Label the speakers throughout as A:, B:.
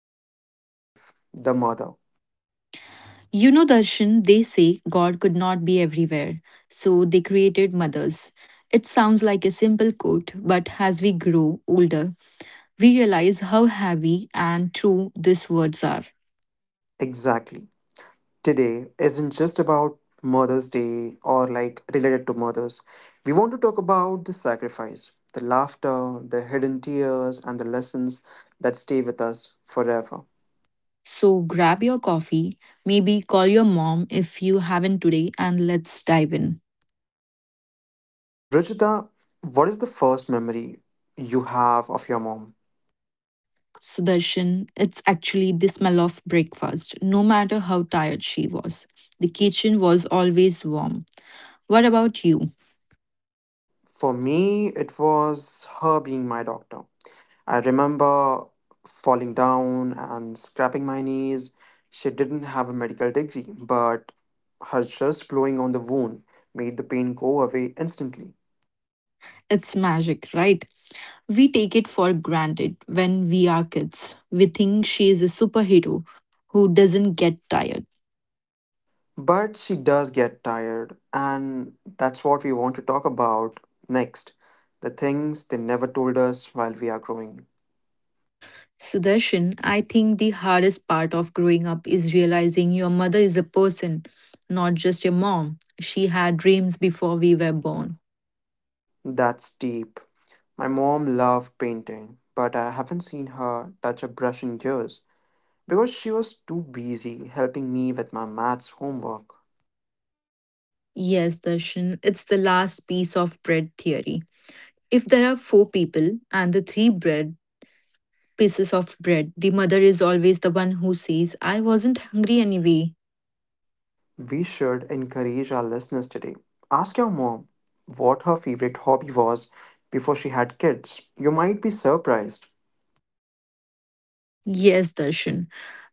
A: in everyone's life, the mother.
B: You know, Darshan, they say God could not be everywhere, so they created mothers. It sounds like a simple quote, but as we grow older, we realize how heavy and true these words are.
A: Exactly. Today isn't just about Mother's Day or like related to mothers. We want to talk about the sacrifice, the laughter, the hidden tears, and the lessons that stay with us forever.
B: So grab your coffee, maybe call your mom if you haven't today, and let's dive in.
A: Ruchita, what is the first memory you have of your mom?
B: Sudarshan, it's actually the smell of breakfast, no matter how tired she was. The kitchen was always warm. What about you?
A: For me, it was her being my doctor. I remember falling down and scraping my knees. She didn't have a medical degree, but her just blowing on the wound made the pain go away instantly.
B: It's magic, right? We take it for granted when we are kids. We think she is a superhero who doesn't get tired.
A: But she does get tired, and that's what we want to talk about next. The things they never told us while we are growing.
B: Sudarshan, I think the hardest part of growing up is realizing your mother is a person, not just a mom. She had dreams before we were born.
A: That's deep. My mom loved painting, but I haven't seen her touch a brush in years because she was too busy helping me with my maths homework.
B: Yes, Darshan, it's the last piece of bread theory. If there are four people and the three bread pieces of bread, the mother is always the one who says, I wasn't hungry anyway.
A: We should encourage our listeners today. Ask your mom what her favorite hobby was before she had kids. You might be surprised.
B: Yes, Darshan.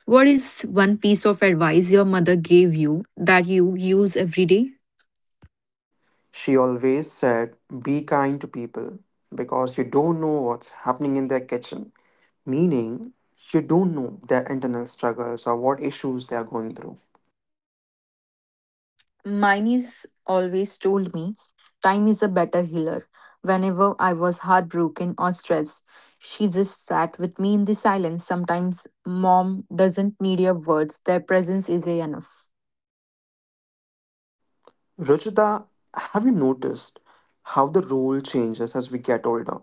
B: What is one piece of advice your mother gave you that you use every day?
A: She always said, be kind to people because you don't know what's happening in their kitchen, meaning you don't know their internal struggles or what issues they are going through.
B: Mine always told me time is a better healer. Whenever I was heartbroken or stressed, she just sat with me in the silence. Sometimes mom doesn't need your words, their presence is enough.
A: Rajita, have you noticed how the role changes as we get older?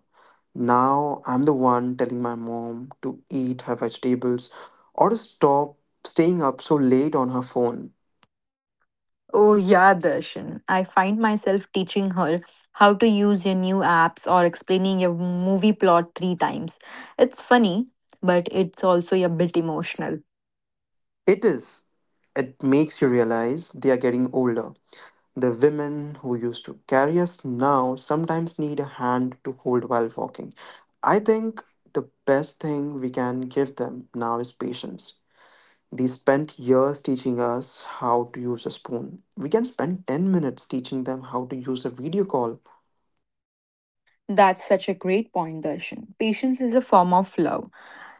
A: Now I'm the one telling my mom to eat her vegetables or to stop staying up so late on her phone.
B: Oh, yeah, Darshan. I find myself teaching her how to use your new apps or explaining your movie plot three times. It's funny, but it's also a bit emotional.
A: It is. It makes you realize they are getting older. The women who used to carry us now sometimes need a hand to hold while walking. I think the best thing we can give them now is patience. They spent years teaching us how to use a spoon. We can spend 10 minutes teaching them how to use a video call.
B: That's such a great point, Darshan. Patience is a form of love.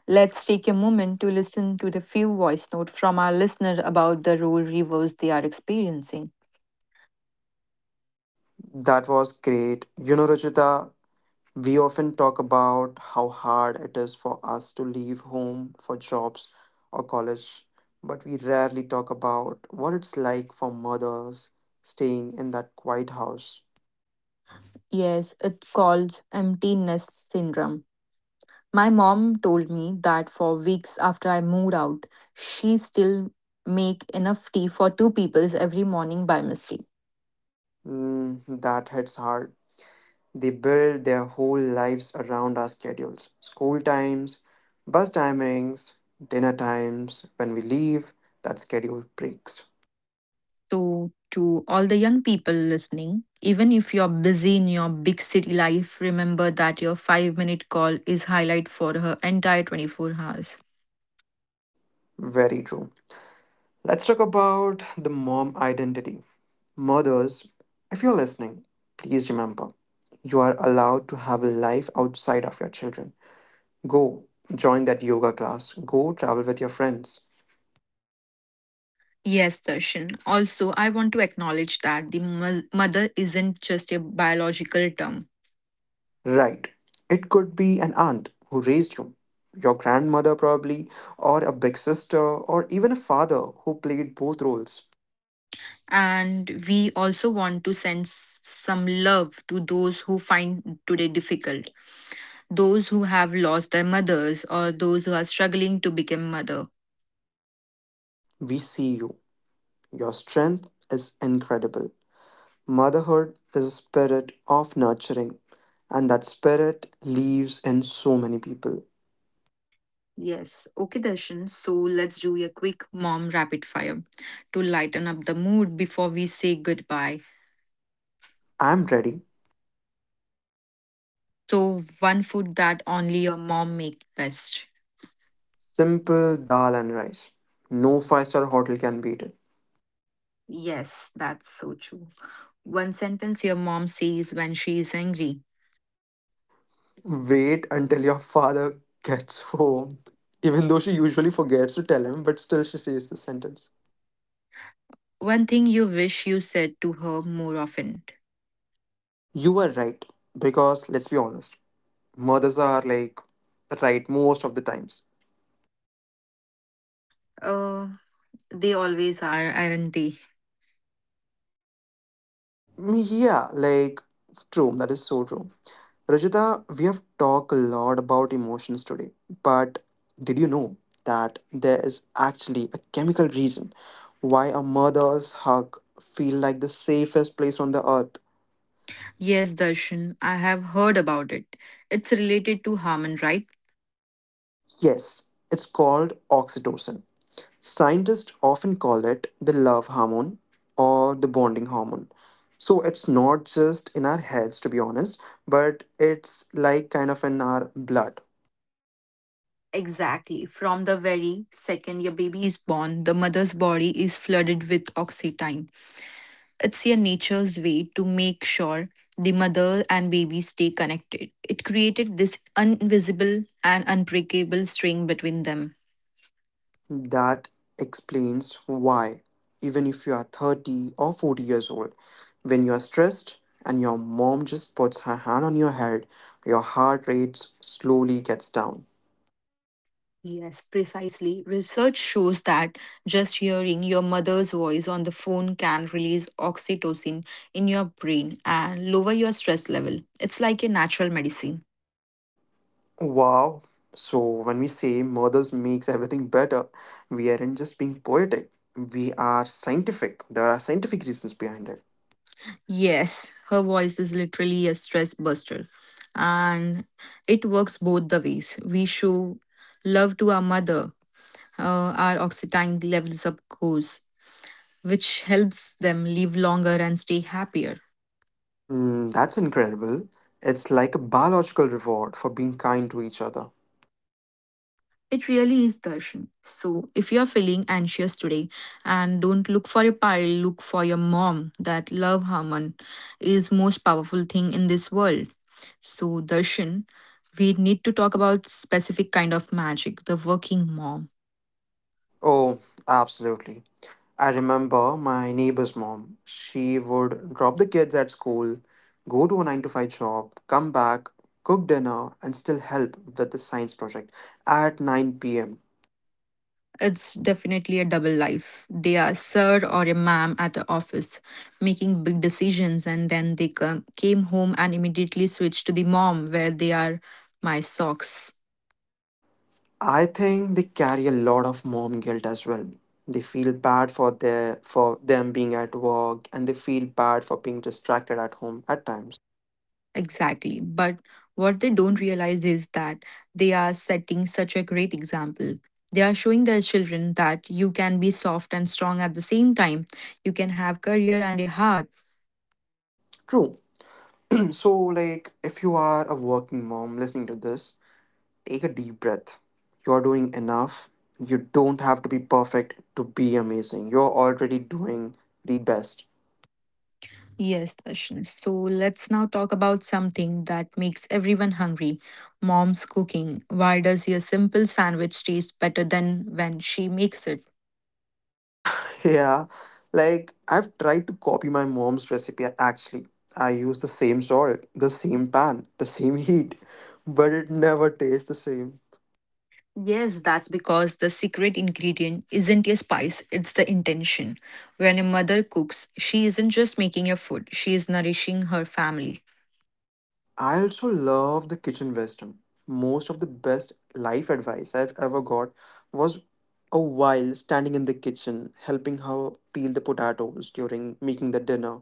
B: Let's take a moment to listen to the few voice notes from our listener about the role reverse they are experiencing.
A: That was great. You know, Rajita, we often talk about how hard it is for us to leave home for jobs or college, but we rarely talk about what it's like for mothers staying in that quiet house.
B: Yes, it calls emptiness syndrome. My mom told me that for weeks after I moved out, she still make enough tea for two peoples every morning by mistake.
A: Mm, that hits hard. They build their whole lives around our schedules, school times, bus timings, dinner times. When we leave, that schedule breaks.
B: So, to all the young people listening, even if you're busy in your big city life, remember that your 5-minute call is highlight for her entire 24 hours.
A: Very true. Let's talk about the mom identity. Mothers, if you're listening, please remember you are allowed to have a life outside of your children. Go join that yoga class, go travel with your friends.
B: Yes, Darshan. Also, I want to acknowledge that the mother isn't just a biological term.
A: Right. It could be an aunt who raised you, your grandmother probably, or a big sister, or even a father who played both roles.
B: And we also want to send some love to those who find today difficult, those who have lost their mothers, or those who are struggling to become mother.
A: We see you. Your strength is incredible. Motherhood is a spirit of nurturing, and that spirit lives in so many people.
B: Yes. Okay, Darshan. So let's do a quick mom rapid fire to lighten up the mood before we say goodbye.
A: I'm ready.
B: So, one food that only your mom make best.
A: Simple dal and rice. No five-star hotel can beat it.
B: Yes, that's so true. One sentence your mom says when she is angry.
A: Wait until your father gets home. Even though she usually forgets to tell him, but still she says the sentence.
B: One thing you wish you said to her more often.
A: You were right, because let's be honest, mothers are like right most of the times.
B: Uh, they always are, aren't they?
A: Yeah, like true, that is so true. Rajita, we have talked a lot about emotions today, but did you know that there is actually a chemical reason why a mother's hug feel like the safest place on the earth?
B: Yes, Darshan, I have heard about it. It's related to Harmon, right?
A: Yes, it's called oxytocin. Scientists often call it the love hormone or the bonding hormone. So it's not just in our heads, to be honest, but it's like kind of in our blood.
B: Exactly. From the very second your baby is born, the mother's body is flooded with oxytocin. It's your nature's way to make sure the mother and baby stay connected. It created this invisible and unbreakable string between them.
A: That explains why, even if you are 30 or 40 years old, when you are stressed and your mom just puts her hand on your head, your heart rate slowly gets down.
B: Yes, precisely. Research shows that just hearing your mother's voice on the phone can release oxytocin in your brain and lower your stress level. It's like a natural medicine.
A: Wow. So when we say mothers makes everything better, we aren't just being poetic. We are scientific. There are scientific reasons behind it.
B: Yes, her voice is literally a stress buster, and it works both the ways. We show love to our mother, our oxytocin levels up goes, which helps them live longer and stay happier.
A: Mm, that's incredible. It's like a biological reward for being kind to each other.
B: It really is Darshan. So, if you're feeling anxious today, and don't look for your pile, look for your mom. That love hormone is most powerful thing in this world. So, Darshan, we need to talk about specific kind of magic, the working mom.
A: Oh, absolutely. I remember my neighbor's mom. She would drop the kids at school, go to a 9 to 5 job, come back, cook dinner, and still help with the science project at 9 p.m.
B: It's definitely a double life. They are sir or a ma'am at the office, making big decisions, and then they came home and immediately switch to the mom, where they are my socks.
A: I think they carry a lot of mom guilt as well. They feel bad for their for them being at work and they feel bad for being distracted at home at times.
B: Exactly. But what they don't realize is that they are setting such a great example. They are showing their children that you can be soft and strong at the same time. You can have career and a heart.
A: True. So like if you are a working mom listening to this, take a deep breath. You are doing enough. You don't have to be perfect to be amazing. You're already doing the best.
B: Yes, Darshan. So let's now talk about something that makes everyone hungry. Mom's cooking. Why does your simple sandwich taste better than when she makes it?
A: Yeah, like I've tried to copy my mom's recipe actually. I use the same salt, the same pan, the same heat, but it never tastes the same.
B: Yes, that's because the secret ingredient isn't a spice, it's the intention. When a mother cooks, she isn't just making a food, she is nourishing her family.
A: I also love the kitchen wisdom. Most of the best life advice I've ever got was a while standing in the kitchen helping her peel the potatoes during making the dinner.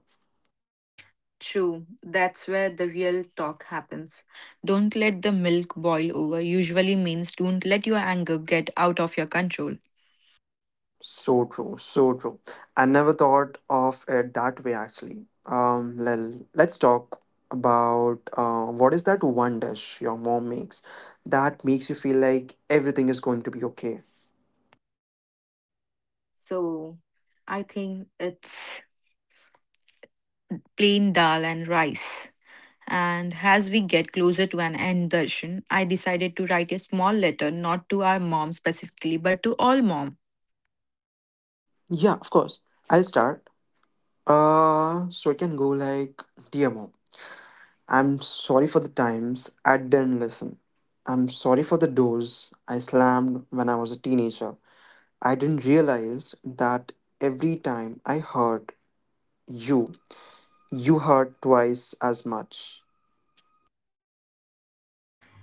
B: True, that's where the real talk happens. Don't let the milk boil over usually means don't let your anger get out of your control.
A: So true, so true. I never thought of it that way actually. Let's talk about what is that one dish your mom makes that makes you feel like everything is going to be okay.
B: So, I think it's plain dal and rice. And as we get closer to an end session, I decided to write a small letter, not to our mom specifically, but to all mom.
A: Yeah, of course. I'll start. So I can go like, dear mom, I'm sorry for the times I didn't listen. I'm sorry for the doors I slammed when I was a teenager. I didn't realize that every time I hurt you, you heard twice as much.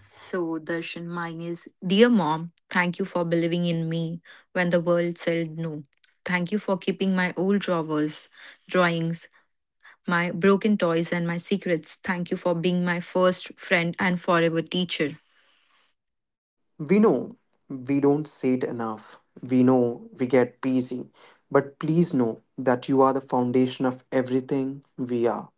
B: So, Darshan, mine is Dear Mom, thank you for believing in me when the world said no. Thank you for keeping my old drawers, drawings, my broken toys, and my secrets. Thank you for being my first friend and forever teacher.
A: We know we don't say it enough. We know we get busy. But please know that you are the foundation of everything we are.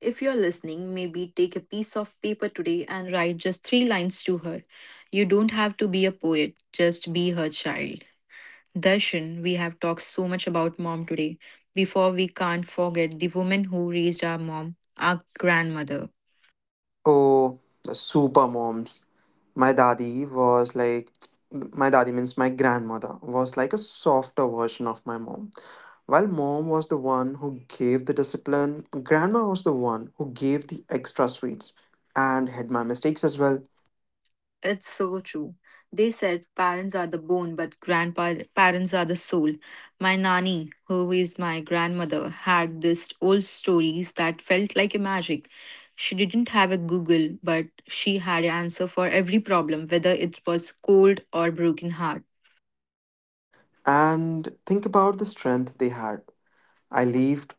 B: If you're listening, maybe take a piece of paper today and write just three lines to her. You don't have to be a poet, just be her child. Darshan, we have talked so much about mom today. Before we can't forget the woman who raised our mom, our grandmother.
A: Oh, the super moms. My dadi was like, my dadi means my grandmother, was like a softer version of my mom. While mom was the one who gave the discipline, grandma was the one who gave the extra sweets and had my mistakes as well.
B: It's so true. They said parents are the bone, but grandparents are the soul. My nanny, who is my grandmother, had this old stories that felt like a magic. She didn't have a Google, but she had an answer for every problem, whether it was cold or broken heart.
A: And think about the strength they had. I lived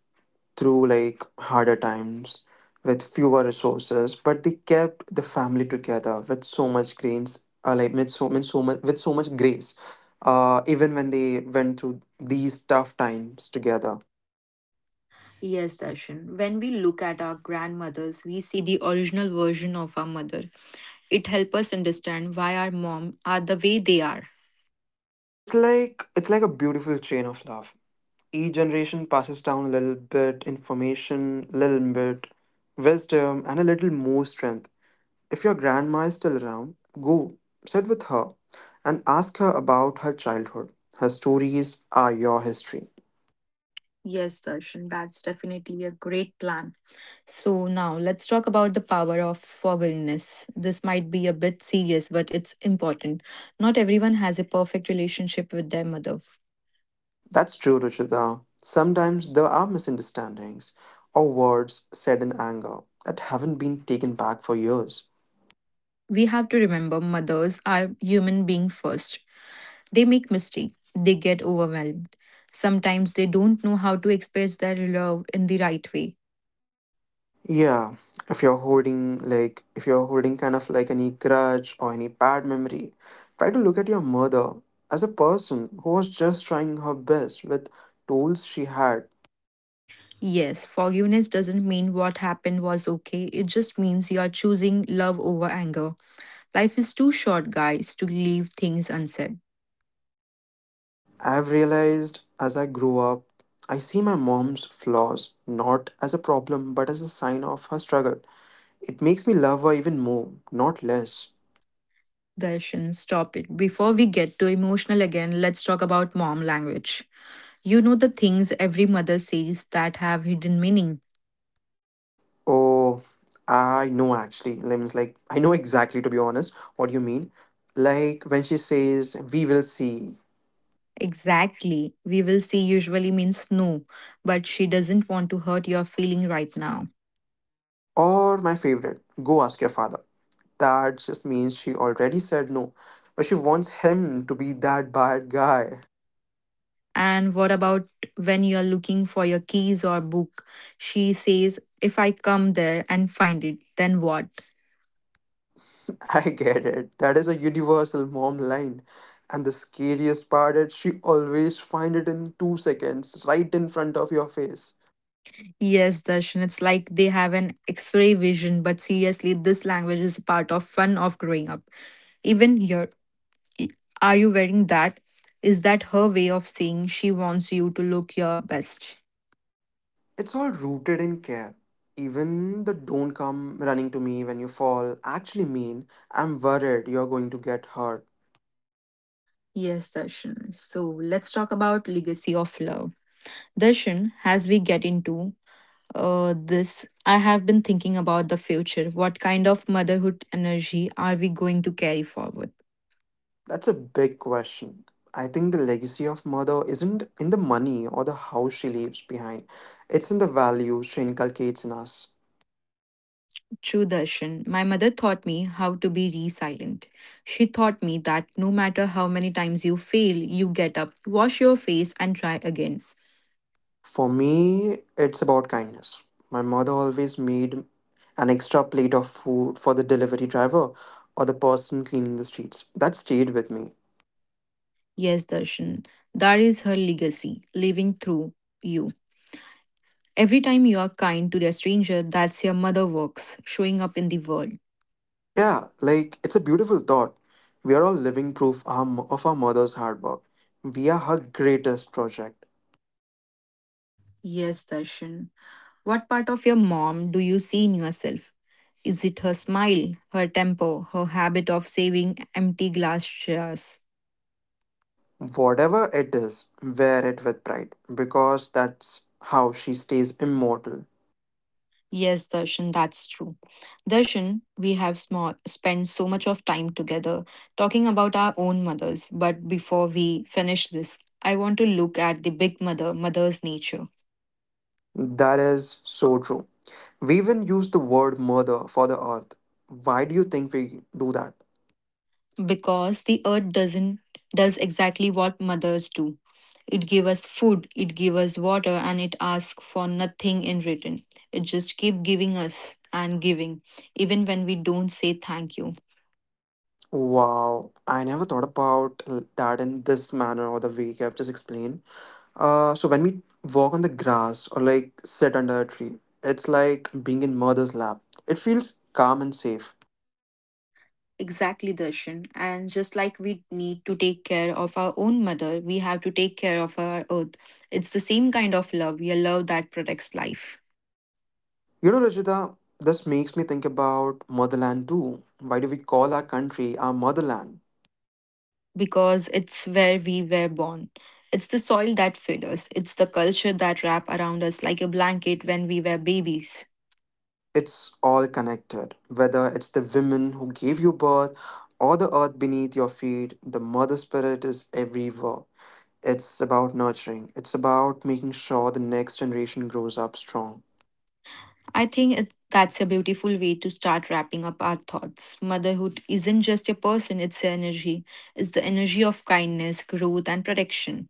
A: through like harder times with fewer resources, but they kept the family together with so much grace, like with so much grace, even when they went through these tough times together.
B: Yes, Darshan. When we look at our grandmothers, we see the original version of our mother. It helps us understand why our mom are the way they are.
A: It's like a beautiful chain of love. Each generation passes down a little bit information, little bit wisdom, and a little more strength. If your grandma is still around, go sit with her and ask her about her childhood. Her stories are your history.
B: Yes, Darshan, that's definitely a great plan. So, now let's talk about the power of forgiveness. This might be a bit serious, but it's important. Not everyone has a perfect relationship with their mother.
A: That's true, Ruchita. Sometimes there are misunderstandings or words said in anger that haven't been taken back for years.
B: We have to remember mothers are human beings first. They make mistakes, they get overwhelmed. Sometimes they don't know how to express their love in the right way.
A: Yeah, if you're holding kind of like any grudge or any bad memory, try to look at your mother as a person who was just trying her best with tools she had.
B: Yes, forgiveness doesn't mean what happened was okay, it just means you are choosing love over anger. Life is too short, guys, to leave things unsaid.
A: I've realized as I grow up, I see my mom's flaws not as a problem but as a sign of her struggle. It makes me love her even more, not less.
B: Darshan, stop it. Before we get too emotional again, let's talk about mom language. You know the things every mother says that have hidden meaning.
A: Oh, I know actually. Like, means like I know exactly to be honest what you mean. Like when she says we will see,
B: Exactly. We will see usually means no, but she doesn't want to hurt your feeling right now.
A: or my favorite, go ask your father. That just means she already said no, but she wants him to be that bad guy.
B: And what about when you're looking for your keys or book? She says, if I come there and find it, then what?
A: I get it. That is a universal mom line. And the scariest part is she always find it in 2 seconds right in front of your face.
B: Yes, Darshan, it's like they have an x ray vision, but seriously, this language is a part of fun of growing up even your i- Are you wearing that? Is that her way of saying she wants you to look your best?
A: It's all rooted in care. Even the don't come running to me when you fall actually mean I'm worried you're going to get hurt.
B: Yes, Darshan. So let's talk about legacy of love. Darshan, as we get into this, I have been thinking about the future. What kind of motherhood energy are we going to carry forward?
A: That's a big question. I think the legacy of mother isn't in the money or the house she leaves behind. It's in the values she inculcates in us.
B: True, Darshan. My mother taught me how to be resilient. She taught me that no matter how many times you fail, you get up, wash your face, and try again.
A: For me, it's about kindness. My mother always made an extra plate of food for the delivery driver or the person cleaning the streets. That stayed with me.
B: Yes, Darshan, that is her legacy, living through you. Every time you are kind to a stranger, that's your mother works, showing up in the world.
A: Yeah, like it's a beautiful thought. We are all living proof of our mother's hard work. We are her greatest project,
B: Yes, Darshan. What part of your mom do you see in yourself? Is it her smile, her temper, her habit of saving empty glass jars?
A: whatever it is. Wear it with pride because that's how she stays immortal.
B: Yes, Darshan, that's true. Darshan, we have small, spent so much of time together talking about our own mothers. But before we finish this, I want to look at the big mother, mother's nature.
A: That is so true. We even use the word mother for the earth. Why do you think we do that?
B: Because the earth doesn't does exactly what mothers do. It give us food, it give us water, and it asks for nothing in return. It just keep giving us and giving, even when we don't say thank you.
A: Wow, I never thought about that in this manner or the way you have just explained. So when we walk on the grass or like sit under a tree, it's like being in mother's lap. It feels calm and safe.
B: Exactly, Darshan. And just like we need to take care of our own mother, we have to take care of our earth. It's the same kind of love, a love that protects life
A: You know, Rajita, this makes me think about motherland too. Why do we call our country our motherland?
B: because it's where we were born. It's the soil that fed us, it's the culture that wrap around us like a blanket when we were babies.
A: It's all connected. Whether it's the women who gave you birth or the earth beneath your feet, the mother spirit is everywhere. It's about nurturing. It's about making sure the next generation grows up strong.
B: I think it, that's a beautiful way to start wrapping up our thoughts. Motherhood isn't just a person, it's an energy. It's the energy of kindness, growth, and protection.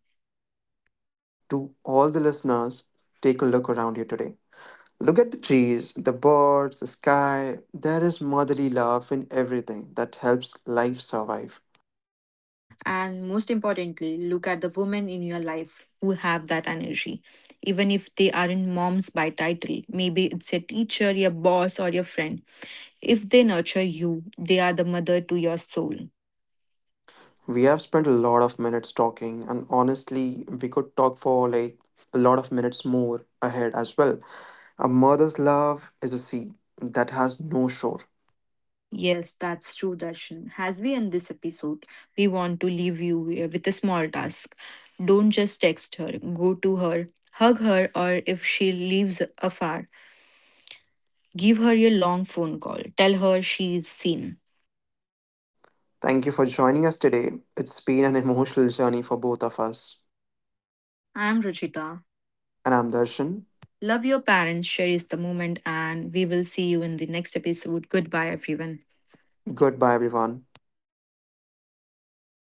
A: To all the listeners, take a look around you today. Look at the trees, the birds, the sky. There is motherly love in everything that helps life survive.
B: And most importantly, look at the women in your life who have that energy. Even if they aren't moms by title, maybe it's a teacher, your boss, or your friend. If they nurture you, they are the mother to your soul.
A: We have spent a lot of minutes talking, and honestly, we could talk for like a lot of minutes more ahead as well. A mother's love is a sea that has no shore.
B: Yes, that's true, Darshan. As we end this episode, we want to leave you with a small task. Don't just text her, go to her, hug her, or if she lives afar, give her your long phone call. Tell her she is seen.
A: Thank you for joining us today. It's been an emotional journey for both of us.
B: I am Ruchita.
A: And I'm Darshan.
B: Love your parents, cherish the moment, and we will see you in the next episode. Goodbye, everyone.
A: Goodbye, everyone.